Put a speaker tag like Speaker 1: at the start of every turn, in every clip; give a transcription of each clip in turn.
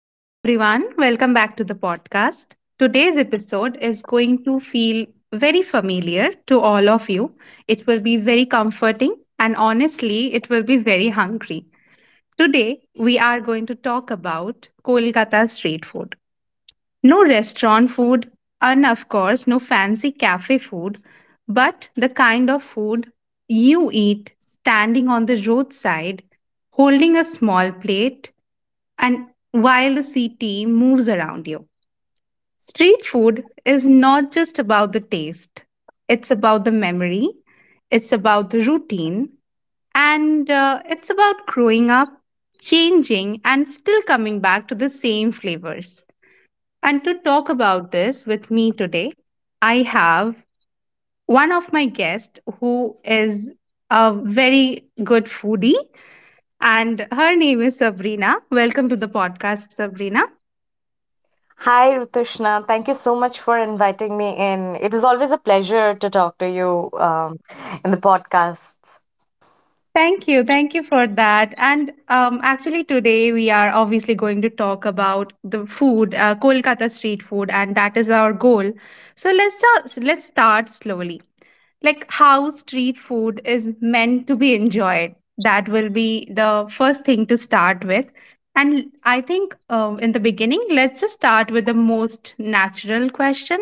Speaker 1: Hello, everyone. Welcome back to the podcast. Today's episode is going to feel very familiar to all of you. It will be very comforting and honestly, it will be very hungry. Today, we are going to talk about Kolkata street food. No restaurant food, and of course, no fancy cafe food, but the kind of food you eat standing on the roadside, holding a small plate and while the city moves around you. Street food is not just about the taste, it's about the memory, it's about the routine, and it's about growing up, changing, and still coming back to the same flavors. And to talk about this with me today, I have one of my guests who is a very good foodie, and her name is Sabrina. Welcome to the podcast, Sabrina.
Speaker 2: Hi, Rutushna. Thank you so much for inviting me in. It is always a pleasure to talk to you in the podcasts.
Speaker 1: Thank you. Thank you for that. And actually, today we are obviously going to talk about the food, Kolkata street food, and that is our goal. So let's start slowly. Like how street food is meant to be enjoyed. That will be the first thing to start with. And I think in the beginning, let's just start with the most natural question.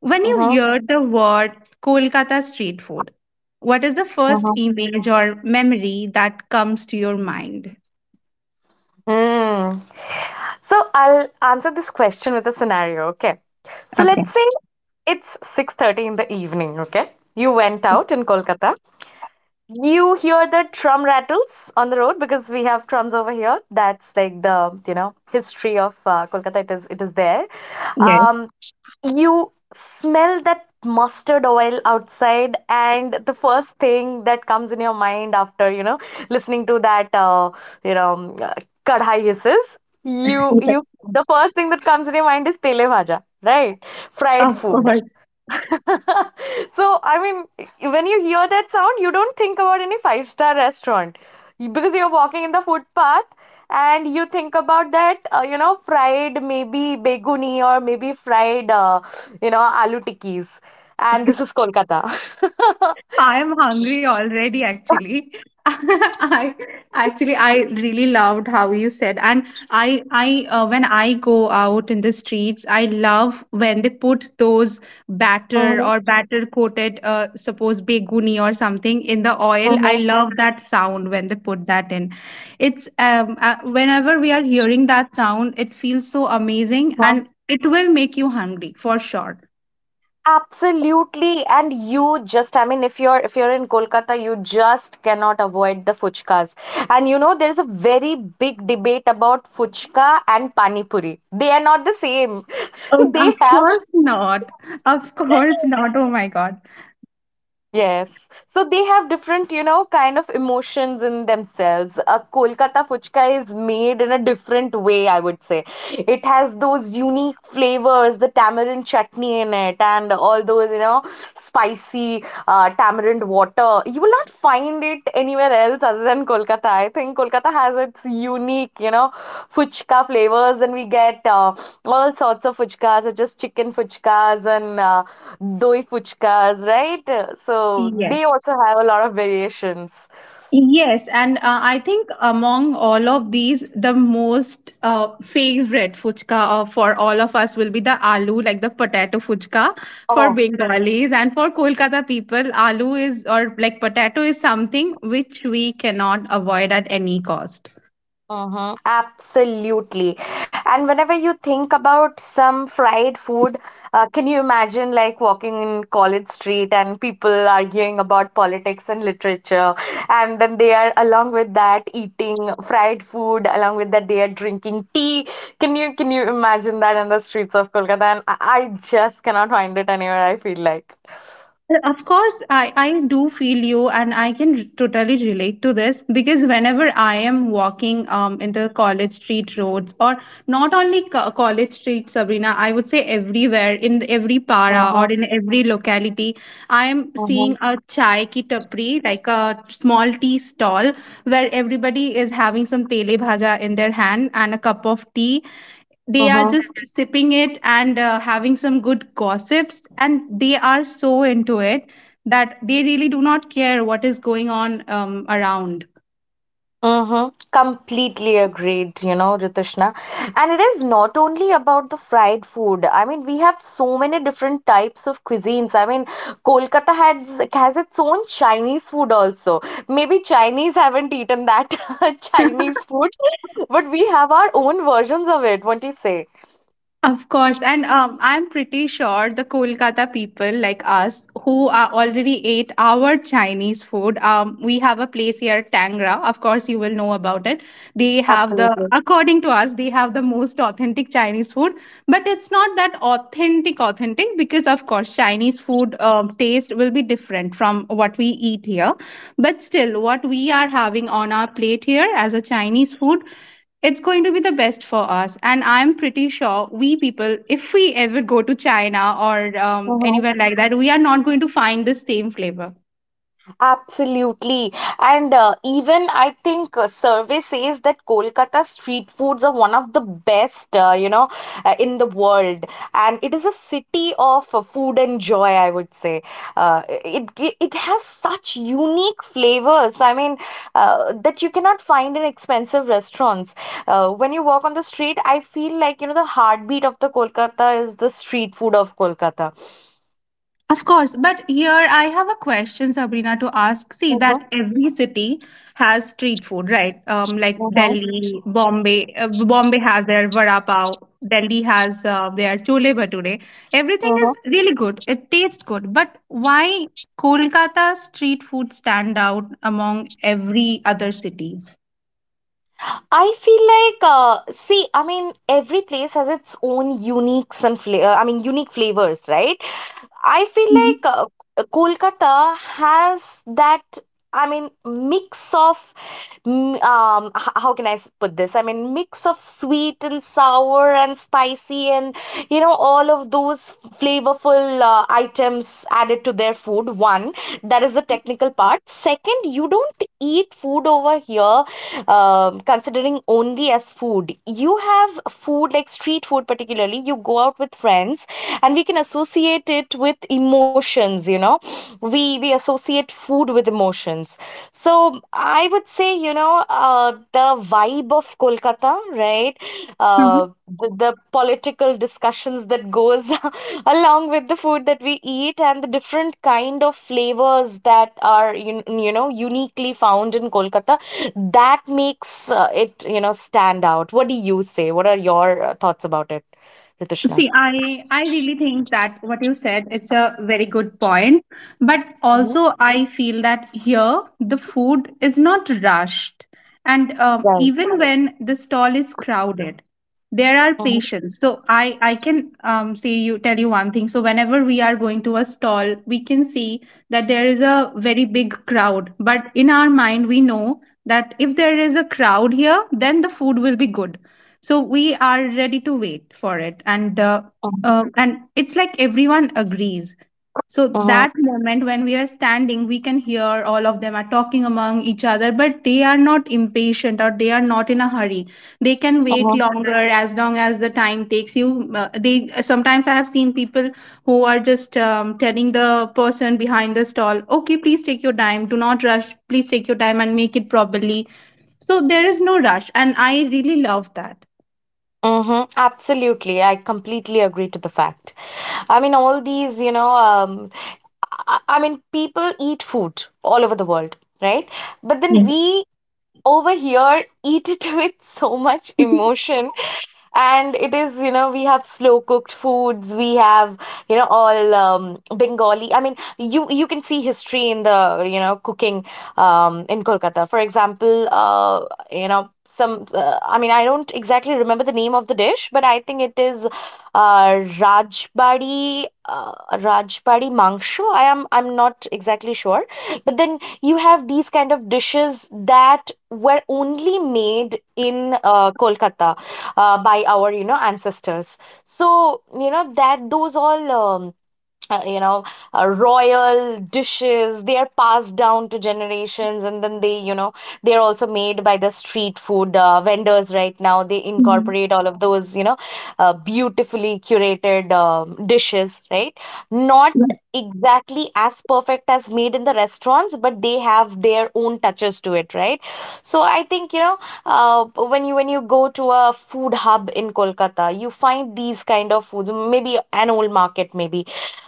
Speaker 1: When you
Speaker 2: hmm
Speaker 1: hear the word Kolkata street food, what is the first
Speaker 2: hmm
Speaker 1: image or memory that comes to your mind?
Speaker 2: Mm. So I'll answer this question with a scenario, okay? So
Speaker 1: Okay.
Speaker 2: let's say it's 6:30 in the evening, okay? You went out in Kolkata. You hear the drum rattles on the road because we have drums over here. That's like the, you know, history of Kolkata. It is there.
Speaker 1: Yes.
Speaker 2: Um, you smell that mustard oil outside, and the first thing that comes in your mind after, you know, listening to that you know kadhai hisses, you
Speaker 1: Yes.
Speaker 2: the first thing that comes in your mind is tele bhaja, right? Fried
Speaker 1: Of
Speaker 2: food.
Speaker 1: course.
Speaker 2: So, I mean, when you hear that sound, you don't think about any five-star restaurant. Because you're walking in the footpath, and you think about that, you know, fried, maybe beguni, or maybe fried, you know, aloo tikkis. And this is Kolkata.
Speaker 1: I'm hungry already, actually. I actually I really loved how you said, and I when I go out in the streets, I love when they put those
Speaker 2: Mhm,
Speaker 1: batter coated, suppose beguni or something in the oil. I love that sound when they put that in. It's whenever we are hearing that sound, it feels so amazing,
Speaker 2: mhm,
Speaker 1: and it will make you hungry for sure.
Speaker 2: absolutely, and you just, I mean, if you're in Kolkata, you just cannot avoid the fuchkas. And you know there is a very big debate about fuchka and pani puri. They are not the same.
Speaker 1: Oh,
Speaker 2: They
Speaker 1: of
Speaker 2: have—
Speaker 1: course not. Of course not. Oh my God.
Speaker 2: Yes. So they have different, you know, kind of emotions in themselves. A Kolkata fuchka is made in a different way, I would say. It has those unique flavors, the tamarind chutney in it, and all those, you know, spicy tamarind water. You will not find it anywhere else other than Kolkata. I think Kolkata has its unique, you know, fuchka flavors, and we get all sorts of fuchkas, such as chicken fuchkas and doi fuchkas, right? So they
Speaker 1: Yes.
Speaker 2: also have a lot of variations.
Speaker 1: Yes. And I think among all of these, the most favorite fuchka for all of us will be the aloo, like the potato fuchka for
Speaker 2: Oh.
Speaker 1: Bengalis. And for Kolkata people, aloo is, or like potato is something which we cannot avoid at any cost.
Speaker 2: Uh-huh. Absolutely. And whenever you think about some fried food, can you imagine like walking in College Street and people arguing about politics and literature? And then they are, along with that, eating fried food; along with that, they are drinking tea. Can you imagine that in the streets of Kolkata? And I just cannot find it anywhere, I feel like.
Speaker 1: Of course, I do feel you, and I can totally relate to this because whenever I am walking in the college street roads, or not only co- college street, Sabrina, I would say everywhere in every para or
Speaker 2: Uh-huh.
Speaker 1: in every locality, I am seeing
Speaker 2: Uh-huh.
Speaker 1: a chai ki tapri, like a small tea stall where everybody is having some tele bhaja in their hand and a cup of tea, they are
Speaker 2: Uh-huh.
Speaker 1: just sipping it and having some good gossips and they are so into it that they really do not care what is going on around.
Speaker 2: Mm-hmm. Completely agreed, you know, Ritushna. And it is not only about the fried food. I mean, we have so many different types of cuisines. I mean, Kolkata has its own Chinese food also. Maybe Chinese haven't eaten that Chinese food, but we have our own versions of it. What do you say?
Speaker 1: Of course, and I'm pretty sure the Kolkata people like us who are already ate our Chinese food. We have a place here, Tangra. Of course, you will know about it. They have the,
Speaker 2: Absolutely.
Speaker 1: according to us, they have the most authentic Chinese food. But it's not that authentic because of course, Chinese food taste will be different from what we eat here. But still, what we are having on our plate here as a Chinese food, it's going to be the best for us. And I'm pretty sure we people, if we ever go to China or anywhere like that, we are not going to find the same flavor.
Speaker 2: Absolutely. And even I think a survey says that Kolkata street foods are one of the best, in the world. And it is a city of food and joy, I would say. It has such unique flavors. I mean, that you cannot find in expensive restaurants. When you walk on the street, I feel like, you know, the heartbeat of the Kolkata is the street food of Kolkata.
Speaker 1: Of course, but here I have a question, Sabrina, to ask. See
Speaker 2: Uh-huh,
Speaker 1: that every city has street food, right? Like
Speaker 2: uh-huh,
Speaker 1: Delhi, Bombay. Bombay has their vada pav. Delhi has their chole bhature. Everything is really good. It tastes good. But why Kolkata street food stand out among every other cities?
Speaker 2: I feel like, see, I mean, every place has its own uniques and flavor. I mean, unique flavors, right? I feel like Kolkata has that. I mean, mix of, how can I put this? I mean, mix of sweet and sour and spicy and, you know, all of those flavorful items added to their food. One, that is the technical part. Second, you don't eat food over here considering only as food. You have food, like street food, particularly, you go out with friends, and we can associate it with emotions, you know. We associate food with emotions. So I would say, you know, the vibe of Kolkata, right?
Speaker 1: Mhm.
Speaker 2: The political discussions that goes along with the food that we eat and the different kind of flavors that are, you know, uniquely found in Kolkata, that makes it, you know, stand out. What do you say? What are your thoughts about it, Ritushna?
Speaker 1: See, I really think that what you said it's a very good point, but
Speaker 2: Mhm.
Speaker 1: also I feel that here the food is not rushed, and
Speaker 2: Right.
Speaker 1: even when the stall is crowded, there are
Speaker 2: Mhm,
Speaker 1: patients. So I can say you tell you one thing. So whenever we are going to a stall, we can see that there is a very big crowd, but in our mind we know that if there is a crowd here, then the food will be good, so we are ready to wait for it
Speaker 2: mhm,
Speaker 1: and it's like everyone agrees. So
Speaker 2: mhm,
Speaker 1: that moment when we are standing, we can hear all of them are talking among each other, but they are not impatient or they are not in a hurry. They can wait
Speaker 2: mhm,
Speaker 1: longer as long as the time takes you they sometimes. I have seen people who are just telling the person behind the stall, okay, please take your time, do not rush, please take your time and make it properly. So there is no rush and I really love that.
Speaker 2: mhm. Absolutely. I completely agree to the fact. I mean, all these, you know, I mean, people eat food all over the world, right? But then
Speaker 1: Iya.
Speaker 2: we over here eat it with so much emotion, and it is, you know, we have slow cooked foods, we have, you know, all Bengali, I mean, you can see history in the, you know, cooking in Kolkata. For example, you know, some, I mean, I don't exactly remember the name of the dish, but I think it is Rajbari, uh, Rajbari Mangsho. I'm not exactly sure, but then you have these kind of dishes that were only made in Kolkata by our, you know, ancestors. So, you know, that those all. You know, royal dishes, they are passed down to generations, and then they, you know, they're also made by the street food vendors right now. They
Speaker 1: Mhm.
Speaker 2: incorporate all of those, you know, beautifully curated dishes, right? Not exactly as perfect as made in the restaurants, but they have their own touches to it, right? So I think, you know, uh, when you go to a food hub in Kolkata, you find these kind of foods, maybe an old market, maybe,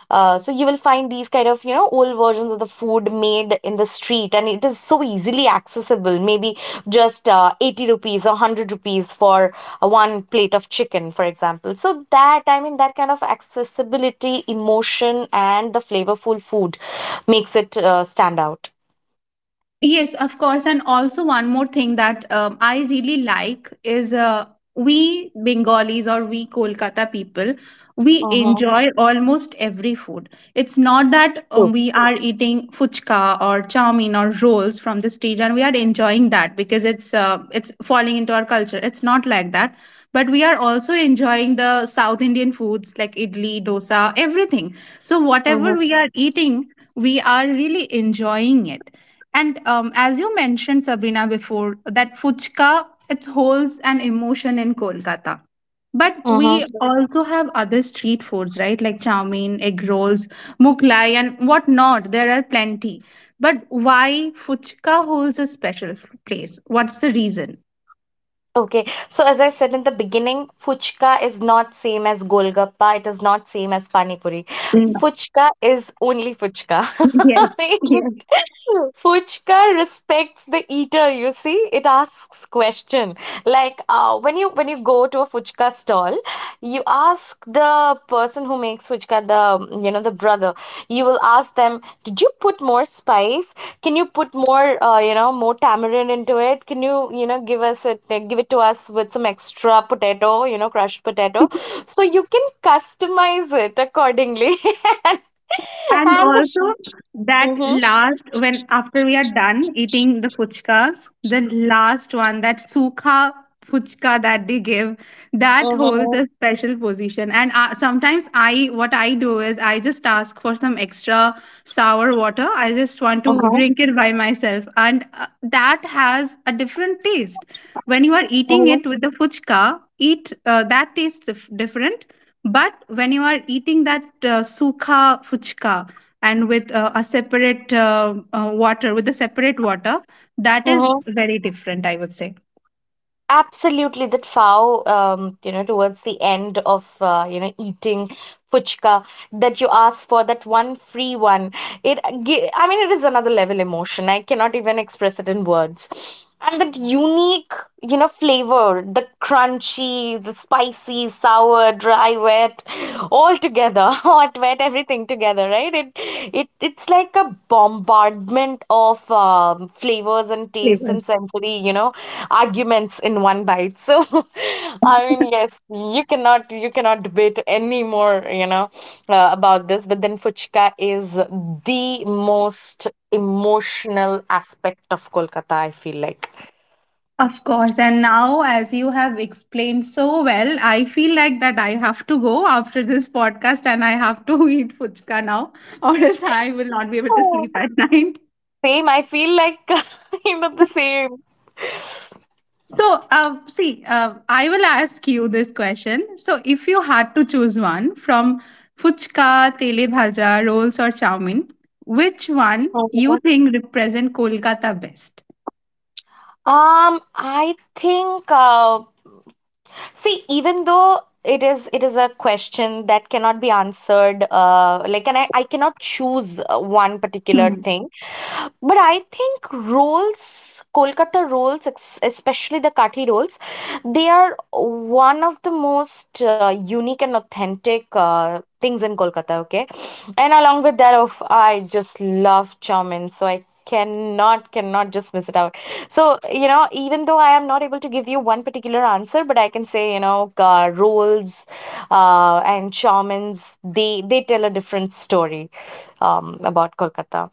Speaker 2: so you will find these kind of, you know, old versions of the food made in the street, and it is so easily accessible. Maybe just 80 rupees or 100 rupees for one plate of chicken, for example. So that, I mean, that kind of accessibility, emotion, and the flavorful food makes it stand out.
Speaker 1: Yes, of course. And also, one more thing that I really like is we Bengalis or we Kolkata people, we
Speaker 2: Uh-huh.
Speaker 1: enjoy almost every food. It's not that
Speaker 2: True.
Speaker 1: we are eating fuchka or chow mein or rolls from the street and we are enjoying that because it's falling into our culture. It's not like that. But we are also enjoying the South Indian foods like idli, dosa, everything. So, whatever
Speaker 2: Uh-huh.
Speaker 1: we are eating, we are really enjoying it and as you mentioned, Sabrina, before, that Fuchka, it holds an emotion in Kolkata. But
Speaker 2: Mhm.
Speaker 1: we also have other street foods, right? Like chow mein, egg rolls, muklai, and whatnot. There are plenty. But why Fuchka holds a special place? What's the reason?
Speaker 2: Okay, so as I said in the beginning, fuchka is not same as golgappa. It is not same as pani puri.
Speaker 1: Mm.
Speaker 2: Fuchka is only fuchka.
Speaker 1: Yes,
Speaker 2: Right?
Speaker 1: yes.
Speaker 2: Fuchka respects the eater, you see. It asks question. Like when you go to a fuchka stall, you ask the person who makes fuchka, the, you know, the brother. You will ask them, did you put more spice? Can you put more, you know, more tamarind into it? Can you, you know, give us it, give it to us with some extra potato, you know, crushed potato? So you can customize it accordingly.
Speaker 1: And
Speaker 2: And the—
Speaker 1: also that
Speaker 2: hmm
Speaker 1: last, when after we are done eating the fuchkas, the last one, that sukha fuchka that they give, that holds
Speaker 2: hmm
Speaker 1: a special position. And sometimes what I do is I just ask for some extra sour water. I just want to drink it by myself, and that has a different taste. When you are eating
Speaker 2: Mhm,
Speaker 1: it with the fuchka, eat that tastes different, but when you are eating that sukha fuchka and with with a separate water, that is
Speaker 2: mhm.
Speaker 1: very different, I would say.
Speaker 2: Absolutely, that foul. You know, towards the end of, you know, eating puchka, that you ask for, that one free one. It, I mean, it is another level emotion. I cannot even express it in words. And that unique, you know, flavor, the crunchy, the spicy, sour, dry, wet, all together. Together, hot, wet, everything together, right? It's like a bombardment of flavors and tastes
Speaker 1: Flavors.
Speaker 2: and sensory, you know, arguments in one bite. So, I mean, yes, you cannot debate anymore, you know, about this. But then Fuchka is the most emotional aspect of Kolkata, I feel like.
Speaker 1: Of course. And now, as you have explained so well, I feel like that I have to go after this podcast and I have to eat fuchka now, or else I will not be able to
Speaker 2: Oh.
Speaker 1: sleep at night.
Speaker 2: Same, I feel like you know the same.
Speaker 1: So, I will ask you this question. So, if you had to choose one from fuchka, tele bhaja, rolls, or chow mein, which one you think represent Kolkata best?
Speaker 2: I think see, even though it is a question that cannot be answered, like, and I cannot choose one particular thing. But I think rolls, Kolkata rolls, especially the kathi rolls, they are one of the most unique and authentic things in Kolkata, okay? And along with that, of I just love chow mein, so I cannot just miss it out. So, you know, even though I am not able to give you one particular answer, but I can say, you know, roles and shamans, they tell a different story about Kolkata.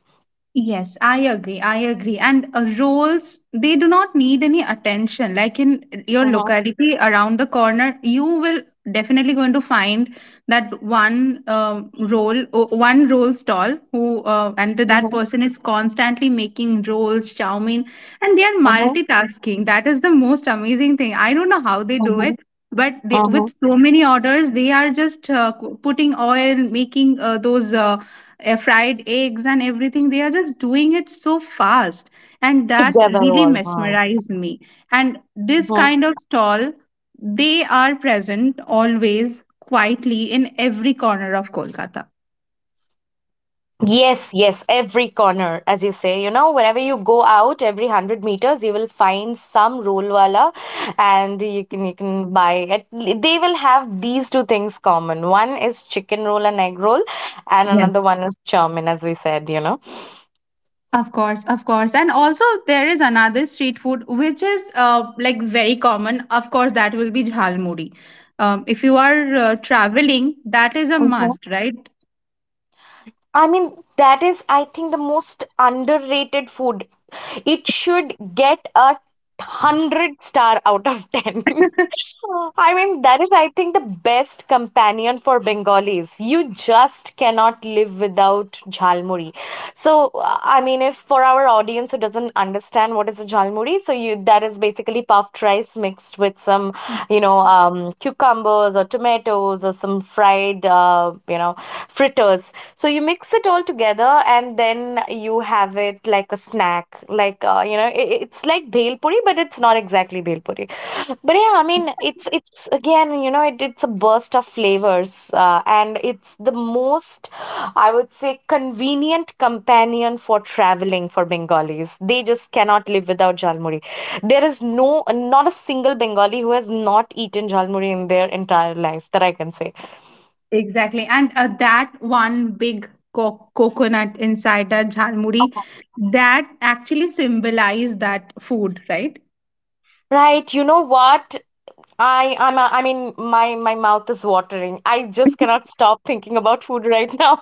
Speaker 1: Yes, I agree. I agree. And roles, they do not need any attention. Like in your
Speaker 2: Uh-huh,
Speaker 1: locality around the corner, you will definitely going to find that one role stall who, that
Speaker 2: uh-huh,
Speaker 1: person is constantly making rolls, chow mein, and they are
Speaker 2: uh-huh,
Speaker 1: multitasking. That is the most amazing thing. I don't know how they do
Speaker 2: uh-huh,
Speaker 1: it. But they, with
Speaker 2: uh-huh.
Speaker 1: so many orders, they are just putting oil, making those fried eggs and everything. They are just doing it so fast and that
Speaker 2: Together
Speaker 1: really
Speaker 2: all,
Speaker 1: mesmerized me, and this
Speaker 2: huh?
Speaker 1: kind of stall, they are present always quietly in every corner of Kolkata.
Speaker 2: Yes, yes, every corner, as you say, you know, whenever you go out, every 100 meters, you will find some rollwala, and you can buy it. They will have these two things common. One is chicken roll and egg roll, and
Speaker 1: Yes.
Speaker 2: another one is chowmin, as we said, you know.
Speaker 1: Of course, of course. And also, there is another street food which is like very common. Of course, that will be jhalmuri. If you are traveling, that is a
Speaker 2: Mhm.
Speaker 1: must, right?
Speaker 2: I mean, that is, I think, the most underrated food. It should get a 100 stars out of 10. I mean, that is, I think, the best companion for Bengalis. You just cannot live without jhalmuri. So, I mean, if for our audience who doesn't understand what is a jhalmuri, so you, that is basically puffed rice mixed with some, you know, cucumbers or tomatoes or some fried, you know, fritters. So you mix it all together and then you have it like a snack. Like, you know, it's like bhel puri, but it's not exactly bhel puri. But yeah, I mean, it's again, it's a burst of flavors, and it's the most, I would say, convenient companion for traveling for Bengalis. They just cannot live without jalmuri. There is no, not a single Bengali who has not eaten jalmuri in their entire life that I can say.
Speaker 1: Exactly. And that one big coconut inside the jalmuri, that actually symbolized that food, right?
Speaker 2: Right, you know what? I mean, my mouth is watering. I just cannot stop thinking about food right now.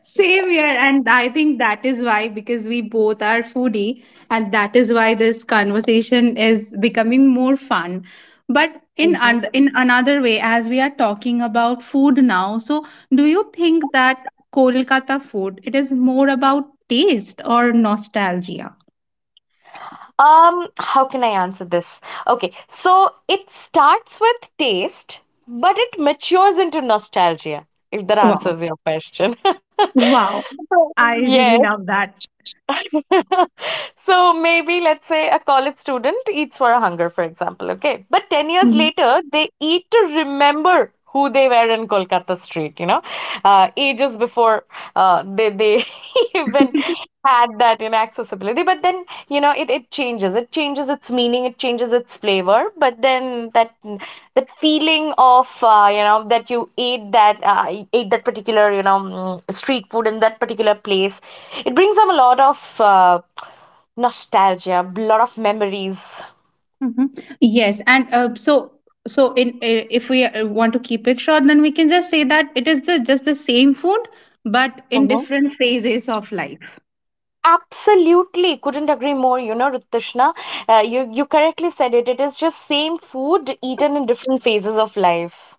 Speaker 1: Same here, and I think that is why, because we both are foodie, and that is why this conversation is becoming more fun. But in another way, as we are talking about food now, so do you think that Kolkata food, it is more about taste or nostalgia?
Speaker 2: How can I answer this? Okay, so it starts with taste, but it matures into nostalgia, if that
Speaker 1: Wow,
Speaker 2: answers your question.
Speaker 1: wow! I
Speaker 2: Yes.
Speaker 1: really love that.
Speaker 2: So maybe let's say a college student eats for a hunger, for example, okay? But 10 years
Speaker 1: Mhm.
Speaker 2: later, they eat to remember who they were in Kolkata street, you know, ages before they even had that in accessibility. But then, you know, it changes. It changes its meaning, it changes its flavor. But then that feeling of you know that you ate that particular street food in that particular place, it brings up a lot of nostalgia, lot of memories.
Speaker 1: Hmm. Yes, and so so in if we want to keep it short, then we can just say that it is the just the same food, but in
Speaker 2: uh
Speaker 1: different phases of life.
Speaker 2: Absolutely, couldn't agree more. You know, Rutushna, you correctly said it. It is just same food eaten in different phases of life.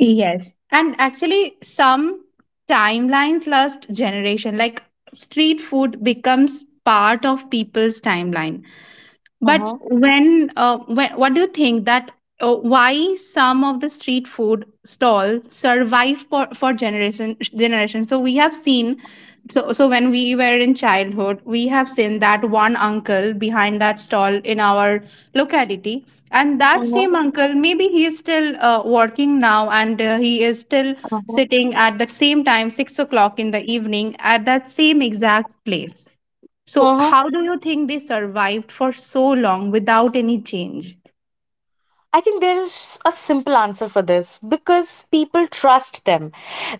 Speaker 1: Yes, and actually, some timelines last generation, like street food, becomes part of people's timeline. But
Speaker 2: Uh-huh.
Speaker 1: when what do you think that why some of the street food stall survive for generation generation? So we have seen. So when we were in childhood, we have seen that one uncle behind that stall in our locality, and that same
Speaker 2: Uh-huh.
Speaker 1: uncle, maybe he is still working now, and he is still
Speaker 2: Uh-huh.
Speaker 1: sitting at the same time, 6 o'clock in the evening, at that same exact place. So,
Speaker 2: Mm-hmm.
Speaker 1: how do you think they survived for so long without any change?
Speaker 2: I think there is a simple answer for this because people trust them.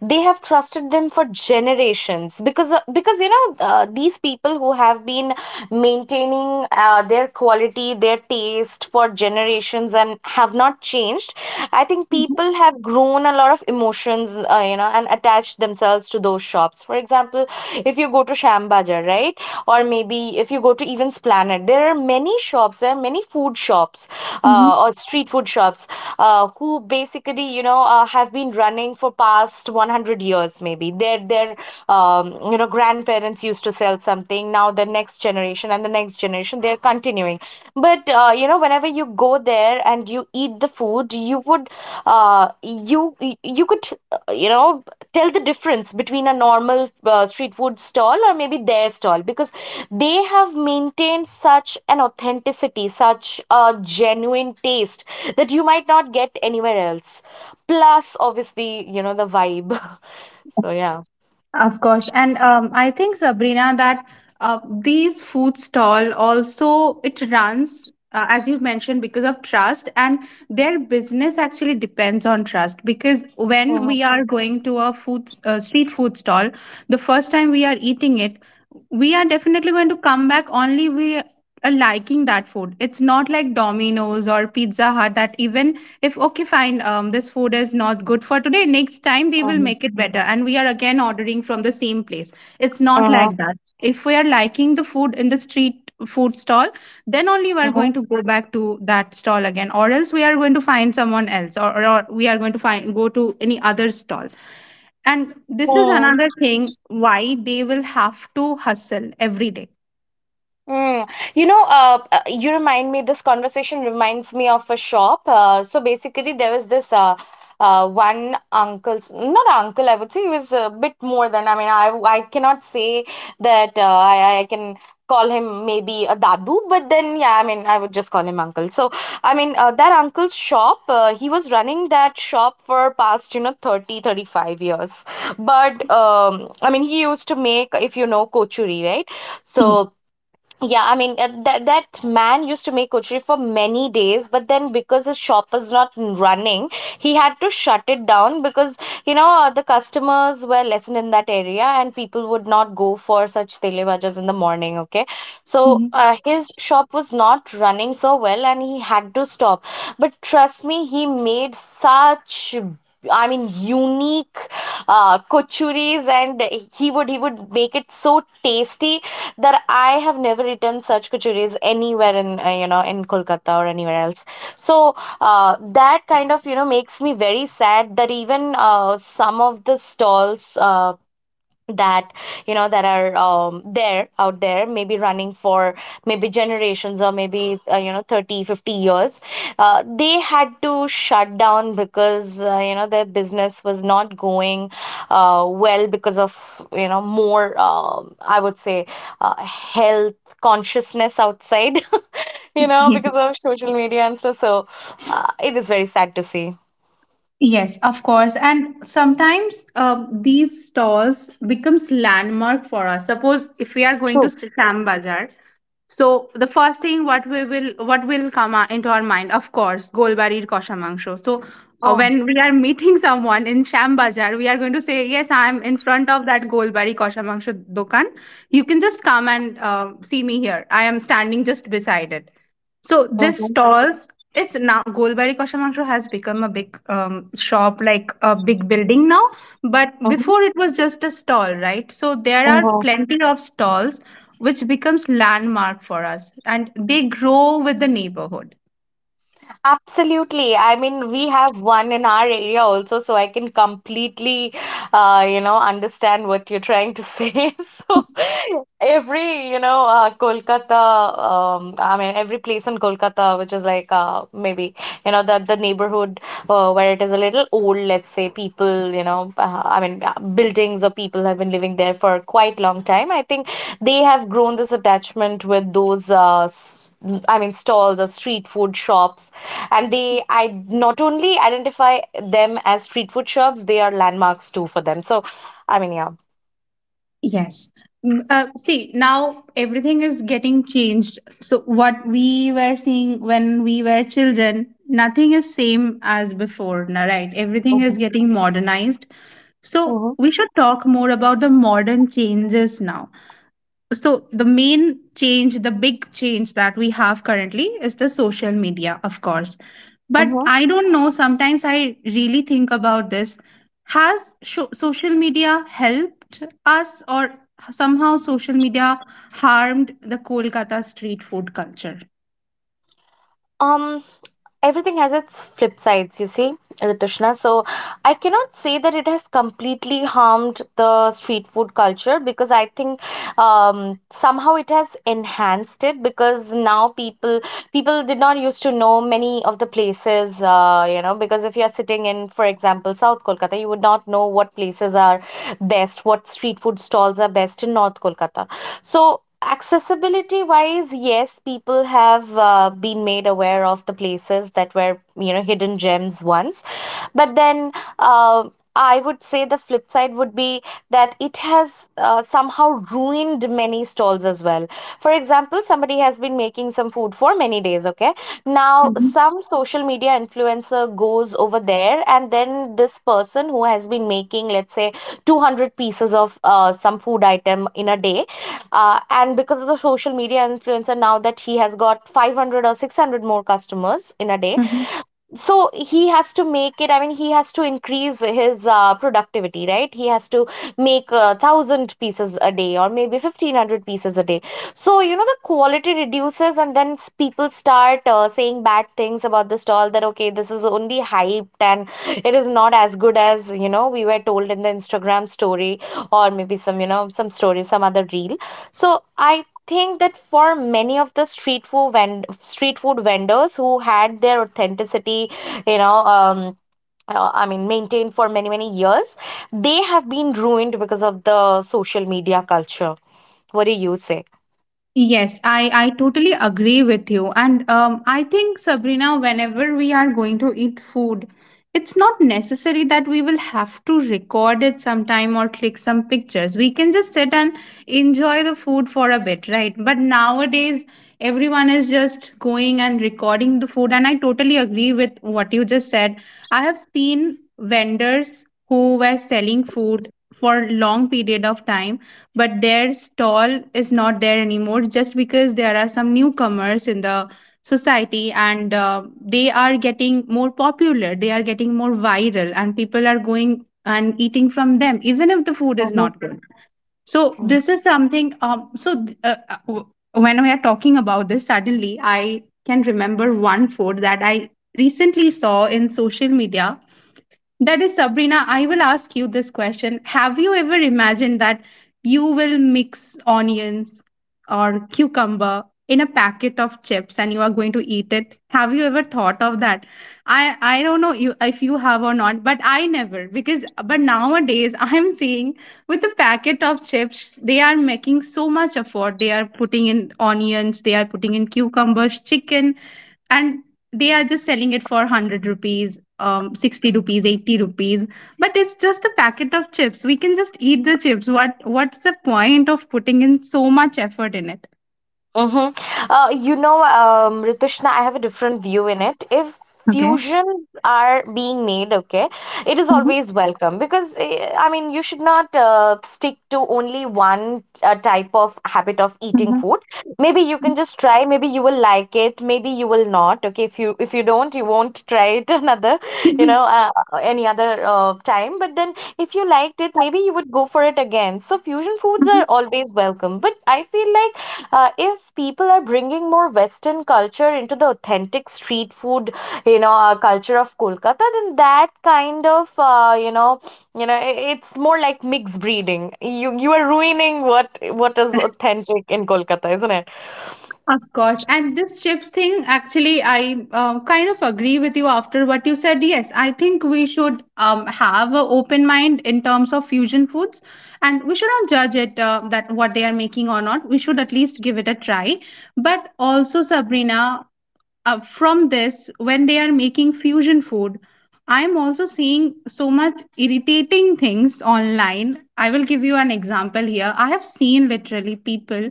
Speaker 2: They have trusted them for generations because you know these people who have been maintaining their quality, their taste for generations and have not changed. I think
Speaker 1: Mhm,
Speaker 2: people have grown a lot of emotions, you know, and attached themselves to those shops. For example, if you go to Sham Bazaar, right? Or maybe if you go to even Planet, there are many shops, there are many food shops
Speaker 1: mhm.
Speaker 2: or street food shops who basically, you know, have been running for past 100 years maybe. Their you know grandparents used to sell something. Now the next generation and the next generation they're continuing, but you know whenever you go there and you eat the food uh, you you could you know tell the difference between a normal street food stall or maybe their stall because they have maintained such an authenticity, such a genuine taste that you might not get anywhere else, plus obviously you know the vibe. So yeah.
Speaker 1: Of course, and I think Sabrina that these food stall also it runs, as you mentioned, because of trust, and their business actually depends on trust. Because when
Speaker 2: Mhm,
Speaker 1: we are going to a food street food stall, the first time we are eating it, we are definitely going to come back only we are liking that food. It's not like Domino's or Pizza Hut that even if okay fine this food is not good for today, next time they will
Speaker 2: mhm,
Speaker 1: make it better and we are again ordering from the same place. It's not
Speaker 2: mhm.
Speaker 1: like that. If we are liking the food in the street food stall, then only we are
Speaker 2: 哦，
Speaker 1: going to go back to that stall again, or else we are going to find someone else, or we are going to find go to any other stall, and this is
Speaker 2: 哦
Speaker 1: another thing why they will have to hustle every day.
Speaker 2: Mm. You know, you remind me, this conversation reminds me of a shop. So basically, there was this one uncle, not uncle, I would say he was a bit more than, I mean, I cannot say that I can call him maybe a dadu, but then, yeah, I mean, I would just call him uncle. So, I mean, that uncle's shop, he was running that shop for past, you know, 30 to 35 years. But, I mean, he used to make, if you know, kochuri, right?
Speaker 1: Yes.
Speaker 2: So, yeah, I mean that man used to make kochri for many days, but then because his shop was not running, he had to shut it down because you know the customers were lessened in that area and people would not go for such tele bhajas in the morning. Okay, so
Speaker 1: Mhm.
Speaker 2: his shop was not running so well and he had to stop. But trust me, he made such, I mean, unique cochuris, and he would make it so tasty that I have never eaten such cochuris anywhere in you know in Kolkata or anywhere else. So that kind of you know makes me very sad that even some of the stalls that you know that are there out there maybe running for maybe generations or maybe you know 30 to 50 years, they had to shut down because you know their business was not going well because of you know more, I would say, health consciousness outside you know because
Speaker 1: Yes.
Speaker 2: of social media and stuff. So it is very sad to see.
Speaker 1: Yes, of course. And sometimes these stalls becomes landmark for us. Suppose if we are going to
Speaker 2: True.
Speaker 1: Sham Bazaar, so the first thing what will come into our mind, of course, Golbari Koshamangsho. So
Speaker 2: Oh.
Speaker 1: when we are meeting someone in Sham Bazaar, we are going to say, "Yes, I am in front of that Golbari Koshamangsho dukan. You can just come and see me here. I am standing just beside it." So this
Speaker 2: Hmm.
Speaker 1: stalls. It's now Golbari Koshamangsho has become a big shop, like a big building now. But before it was just a stall, right? So there are
Speaker 2: Hmm.
Speaker 1: plenty of stalls which becomes landmark for us and they grow with the neighborhood.
Speaker 2: Absolutely. I mean, we have one in our area also, so I can completely, you know, understand what you're trying to say. So every, you know, Kolkata, I mean, every place in Kolkata, which is like maybe, you know, the neighborhood where it is a little old, let's say, people, you know, buildings or people have been living there for quite long time. I think they have grown this attachment with those, I mean, stalls or street food shops, and they, I not only identify them as street food shops, they are landmarks too for them. So, I mean, yeah.
Speaker 1: Yes. Mm, see now everything is getting changed, so what we were seeing when we were children, nothing is same as before na, right? Everything
Speaker 2: Mm-hmm.
Speaker 1: is getting modernized, so
Speaker 2: Mm-hmm.
Speaker 1: we should talk more about the modern changes now. So the main change, the big change that we have currently is the social media, of course. But
Speaker 2: Mm-hmm.
Speaker 1: I don't know, sometimes I really think about this. Has sho social media helped us or somehow social media harmed the Kolkata street food culture?
Speaker 2: Um, Everything has its flip sides, you see, Ritushna. So I cannot say that it has completely harmed the street food culture because I think somehow it has enhanced it because now people did not used to know many of the places, you know, because if you are sitting in, for example, South Kolkata, you would not know what places are best, what street food stalls are best in North Kolkata. So accessibility wise, yes, people have been made aware of the places that were, you know, hidden gems once. But then uh, I would say the flip side would be that it has somehow ruined many stalls as well. For example, somebody has been making some food for many days, okay? Now,
Speaker 1: Mhm.
Speaker 2: some social media influencer goes over there, and then this person who has been making, let's say, 200 pieces of some food item in a day, and because of the social media influencer, now that he has got 500 or 600 more customers in a day,
Speaker 1: Mhm.
Speaker 2: so he has to make it, I mean, he has to increase his productivity, right? He has to make a thousand pieces a day or maybe 1500 pieces a day. So you know the quality reduces, and then people start saying bad things about the stall, that okay, this is only hyped and it is not as good as you know we were told in the Instagram story or maybe some you know some story, some other reel. So I think that for many of the street food vendors who had their authenticity, you know, I mean, maintained for many, many years, they have been ruined because of the social media culture. What do you say?
Speaker 1: Yes, I totally agree with you. And I think, Sabrina, whenever we are going to eat food, it's not necessary that we will have to record it sometime or click some pictures. We can just sit and enjoy the food for a bit, right? But nowadays, everyone is just going and recording the food. And I totally agree with what you just said. I have seen vendors who were selling food for long period of time, but their stall is not there anymore just because there are some newcomers in the society, and they are getting more popular, they are getting more viral, and people are going and eating from them even if the food is
Speaker 2: Mhm.
Speaker 1: not good. So this is something, when we are talking about this, suddenly I can remember one food that I recently saw in social media. That is Sabrina, I will ask you this question. Have you ever imagined that you will mix onions or cucumber in a packet of chips and you are going to eat it? Have you ever thought of that? I don't know you if you have or not, but I never. Because, but nowadays, I am seeing with the packet of chips they are making so much effort. They are putting in onions, they are putting in cucumbers, chicken, and they are just selling it for 100 rupees, um, 60 rupees, 80 rupees, but it's just a packet of chips. We can just eat the chips. What's the point of putting in so much effort in it?
Speaker 2: Mm-hmm. You know, Ritushna, I have a different view in it. If
Speaker 1: Okay.
Speaker 2: fusions are being made, okay, it is
Speaker 1: Mm-hmm.
Speaker 2: always welcome because eh, I mean, you should not stick to only one type of habit of eating
Speaker 1: Mm-hmm.
Speaker 2: food. Maybe you can just try. Maybe you will like it. Maybe you will not. Okay, if you don't, you won't try it another. You
Speaker 1: Mm-hmm.
Speaker 2: know, any other time. But then if you liked it, maybe you would go for it again. So fusion foods
Speaker 1: Mm-hmm.
Speaker 2: are always welcome, but I feel like if people are bringing more western culture into the authentic street food, you know, culture of Kolkata, then that kind of, it's more like mixed breeding. You are ruining what is authentic in Kolkata, isn't it?
Speaker 1: Of course. And this chips thing, actually, I kind of agree with you after what you said. Yes, I think we should have an open mind in terms of fusion foods, and we should not judge it that what they are making or not. We should at least give it a try. But also, Sabrina, from this when they are making fusion food, I'm also seeing so much irritating things online. I will give you an example here. I have seen literally people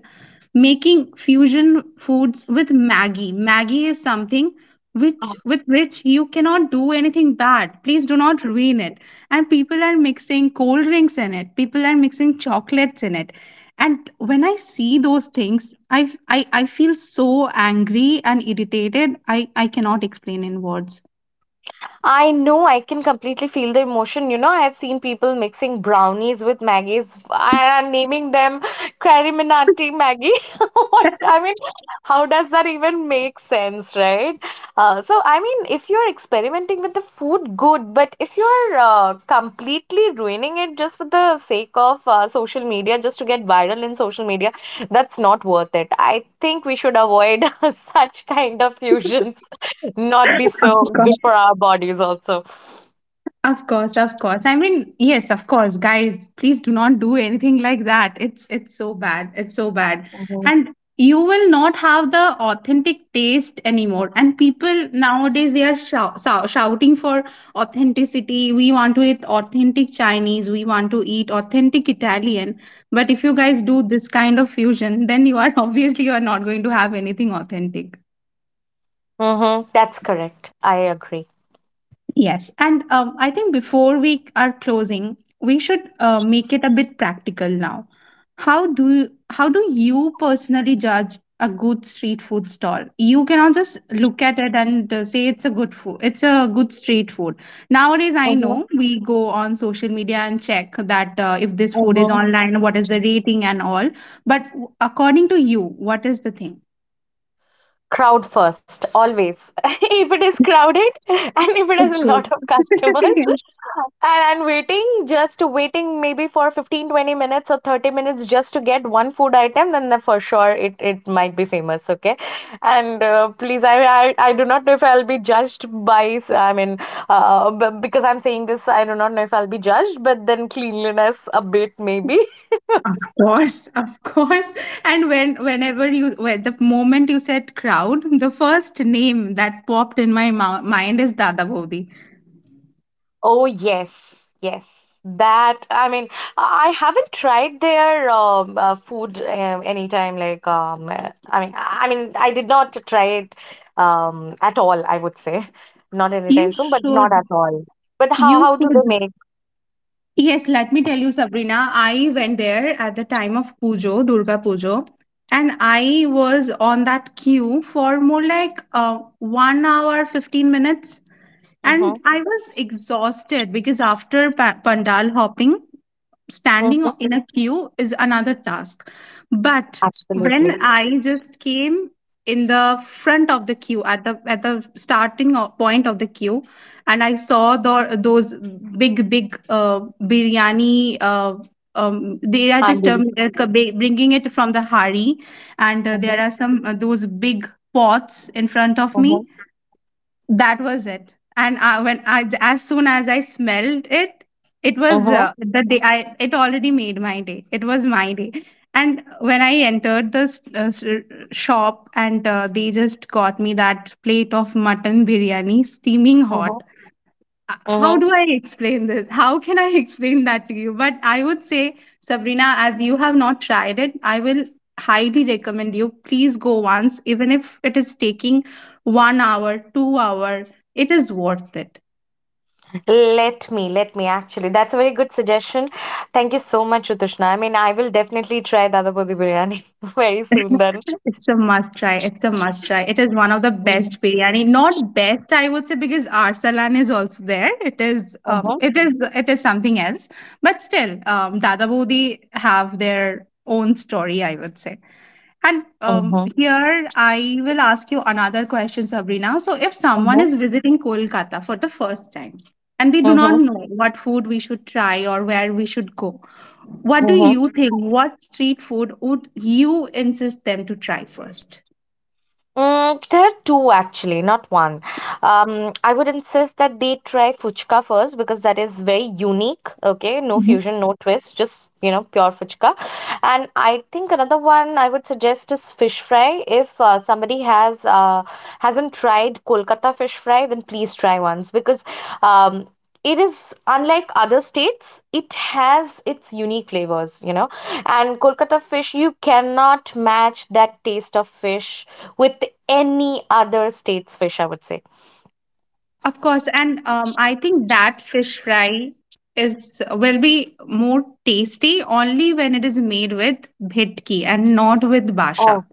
Speaker 1: making fusion foods with Maggie. Maggie is something which, with which, you cannot do anything bad. Please do not ruin it. And people are mixing cold drinks in it, people are mixing chocolates in it, and when I see those things, I feel so angry and irritated. I cannot explain in words.
Speaker 2: I know I can completely feel the emotion. You know, I have seen people mixing brownies with Maggie's and naming them Crariminati Maggie. What I mean, how does that even make sense, right? So, I mean, if you're experimenting with the food, good, but if you're completely ruining it just for the sake of social media, just to get viral in social media, that's not worth it. I think we should avoid such kind of fusions, not be so good for our bodies also.
Speaker 1: Of course, of course. I mean, yes, of course, guys, please do not do anything like that. It's so bad. It's so bad.
Speaker 2: Hmm.
Speaker 1: And you will not have the authentic taste anymore. And people nowadays they are shouting for authenticity. We want to eat authentic Chinese, we want to eat authentic Italian. But if you guys do this kind of fusion, then you are obviously you are not going to have anything authentic.
Speaker 2: Hmm. That's correct. I agree.
Speaker 1: Yes. And I think before we are closing, we should make it a bit practical now. How do you personally judge a good street food stall? You cannot just look at it and say it's a good food. It's a good street food. Nowadays, I
Speaker 2: Hmm.
Speaker 1: know we go on social media and check that if this food is
Speaker 2: Hmm.
Speaker 1: online, what is the rating and all. But according to you, what is the thing?
Speaker 2: Crowd first, always. If it is crowded and if it has
Speaker 1: It's
Speaker 2: a
Speaker 1: good.
Speaker 2: lot of customers, and I'm waiting, just waiting maybe for 15, 20 minutes or 30 minutes just to get one food item, then the, for sure it, it might be famous, okay? And please, I do not know if I'll be judged by, I mean, because I'm saying this, I do not know if I'll be judged, but then cleanliness a bit maybe.
Speaker 1: Of course, of course. And when whenever you when the moment you said crowd, the first name that popped in my mind is Dada Bodhi.
Speaker 2: Oh, yes, yes. That, I mean, I haven't tried their food anytime. Like, I mean, I did not try it at all, I would say. Not anytime
Speaker 1: You
Speaker 2: soon, but not at
Speaker 1: should.
Speaker 2: all. But
Speaker 1: You
Speaker 2: how do they
Speaker 1: should.
Speaker 2: make?
Speaker 1: Yes, let me tell you, Sabrina. I went there at the time of Pujo, Durga Pujo, and I was on that queue for more like 1 hour, 15 minutes. And
Speaker 2: Mm-hmm,
Speaker 1: I was exhausted because after pandal hopping, standing
Speaker 2: mm-hmm.
Speaker 1: in a queue is another task. But
Speaker 2: Absolutely.
Speaker 1: when I just came in the front of the queue at the starting point of the queue, and I saw the, those big biryani, they are just
Speaker 2: Handi.
Speaker 1: c- ba- bringing it from the hari, and there
Speaker 2: Mm-hmm,
Speaker 1: are some those big pots in front of me,
Speaker 2: mm-hmm,
Speaker 1: that was it. And I, when I, as soon as I smelled it, it was,
Speaker 2: mm-hmm,
Speaker 1: the day I. It already made my day. It was my day. And when I entered the shop, and they just got me that plate of mutton biryani, steaming
Speaker 2: mm-hmm.
Speaker 1: hot, how
Speaker 2: Mm-hmm.
Speaker 1: do I explain this? How can I explain that to you? But I would say, Sabrina, as you have not tried it, I will highly recommend you. Please go once, even if it is taking 1 hour, 2 hour, it is worth it.
Speaker 2: Let me actually. That's a very good suggestion. Thank you so much, Utushna. I mean, I will definitely try Dadapodi biryani very soon then.
Speaker 1: It's a must try. It's a must try. It is one of the
Speaker 2: Uh-huh.
Speaker 1: best biryani. Not best, I would say, because Arsalan is also there. It is,
Speaker 2: Uh-huh.
Speaker 1: it is, it is something else. But still, Dada Bodhi have their own story, I would say. And
Speaker 2: Uh-huh.
Speaker 1: here I will ask you another question, Sabrina. So, if someone is visiting Kolkata for the first time and they do not
Speaker 2: Uh-huh.
Speaker 1: know what food we should try or where we should go, what do
Speaker 2: Uh-huh.
Speaker 1: you think? What street food would you insist them to try first?
Speaker 2: Mm, there are two actually, not one. I would insist that they try fuchka first because that is very unique. Okay, no
Speaker 1: Mhm.
Speaker 2: fusion, no twist, just you know pure fuchka. And I think another one I would suggest is fish fry. If somebody has hasn't tried Kolkata fish fry, then please try once because um, it is unlike other states. It has its unique flavors, you know. And Kolkata fish, you cannot match that taste of fish with any other state's fish, I would say.
Speaker 1: Of course, and I think that fish fry is will be more tasty only when it is made with bhetki and not with
Speaker 2: Oh,
Speaker 1: basha.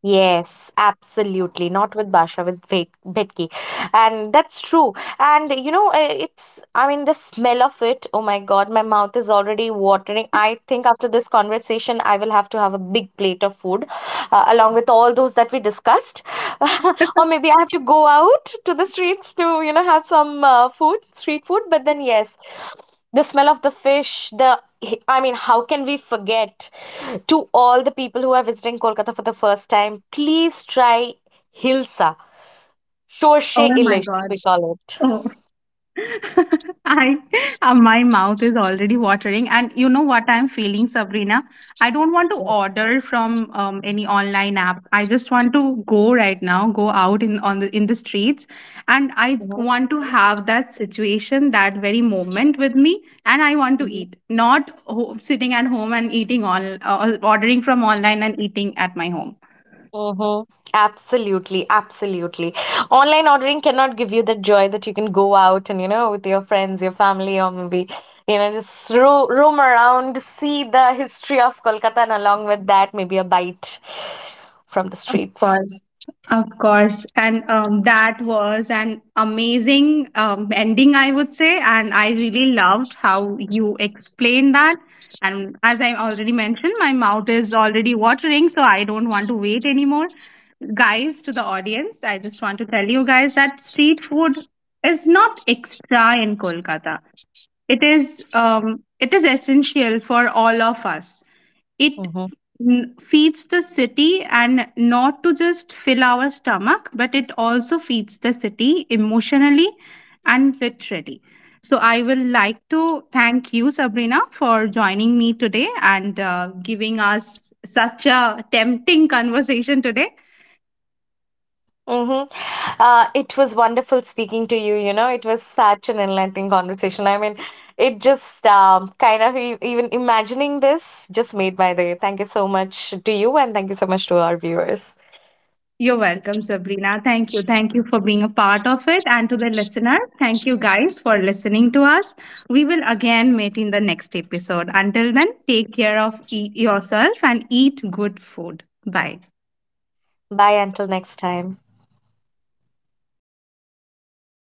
Speaker 2: yes, absolutely. Not with Basha, with Vetki. And that's true. And you know, it's, I mean, the smell of it, oh my God, my mouth is already watering. I think after this conversation, I will have to have a big plate of food along with all those that we discussed. Or maybe I have to go out to the streets to, you know, have some street food. But then, yes, the smell of the fish, the, I mean, how can we forget? To all the people who are visiting Kolkata for the first time, please try hilsa, shorshe
Speaker 1: Oh my
Speaker 2: ilish
Speaker 1: God.
Speaker 2: we call it.
Speaker 1: Oh, I, my mouth is already watering, and you know what I'm feeling, Sabrina? I don't want to
Speaker 2: Yes.
Speaker 1: order from any online app. I just want to go right now, go out in on the in the streets, and I
Speaker 2: Hmm.
Speaker 1: want to have that situation, that very moment with me, and I want to
Speaker 2: Hmm.
Speaker 1: eat, not sitting at home and eating on, ordering from online and eating at my home.
Speaker 2: Absolutely, absolutely. Online ordering cannot give you that joy that you can go out and, you know, with your friends, your family, or maybe, you know, just ro roam around, see the history of Kolkata, and along with that, maybe a bite from the streets.
Speaker 1: Course. Of course. And that was an amazing ending, I would say. And I really loved how you explained that. And as I already mentioned, my mouth is already watering, so I don't want to wait anymore. Guys, to the audience, I just want to tell you guys that street food is not extra in Kolkata, it is, it is essential for all of us. It feeds the city, and not to just fill our stomach, but it also feeds the city emotionally and literally. So I will like to thank you Sabrina for joining me today and giving us such a tempting conversation today.
Speaker 2: Mm-hmm. It was wonderful speaking to you. You know, it was such an enlightening conversation. I mean, it just kind of e even imagining this just made my day. Thank you so much to you, and thank you so much to our viewers.
Speaker 1: You're welcome, Sabrina. Thank you. Thank you for being a part of it. And to the listener, thank you guys for listening to us. We will again meet in the next episode. Until then, take care of yourself and eat good food. Bye.
Speaker 2: Bye until next time.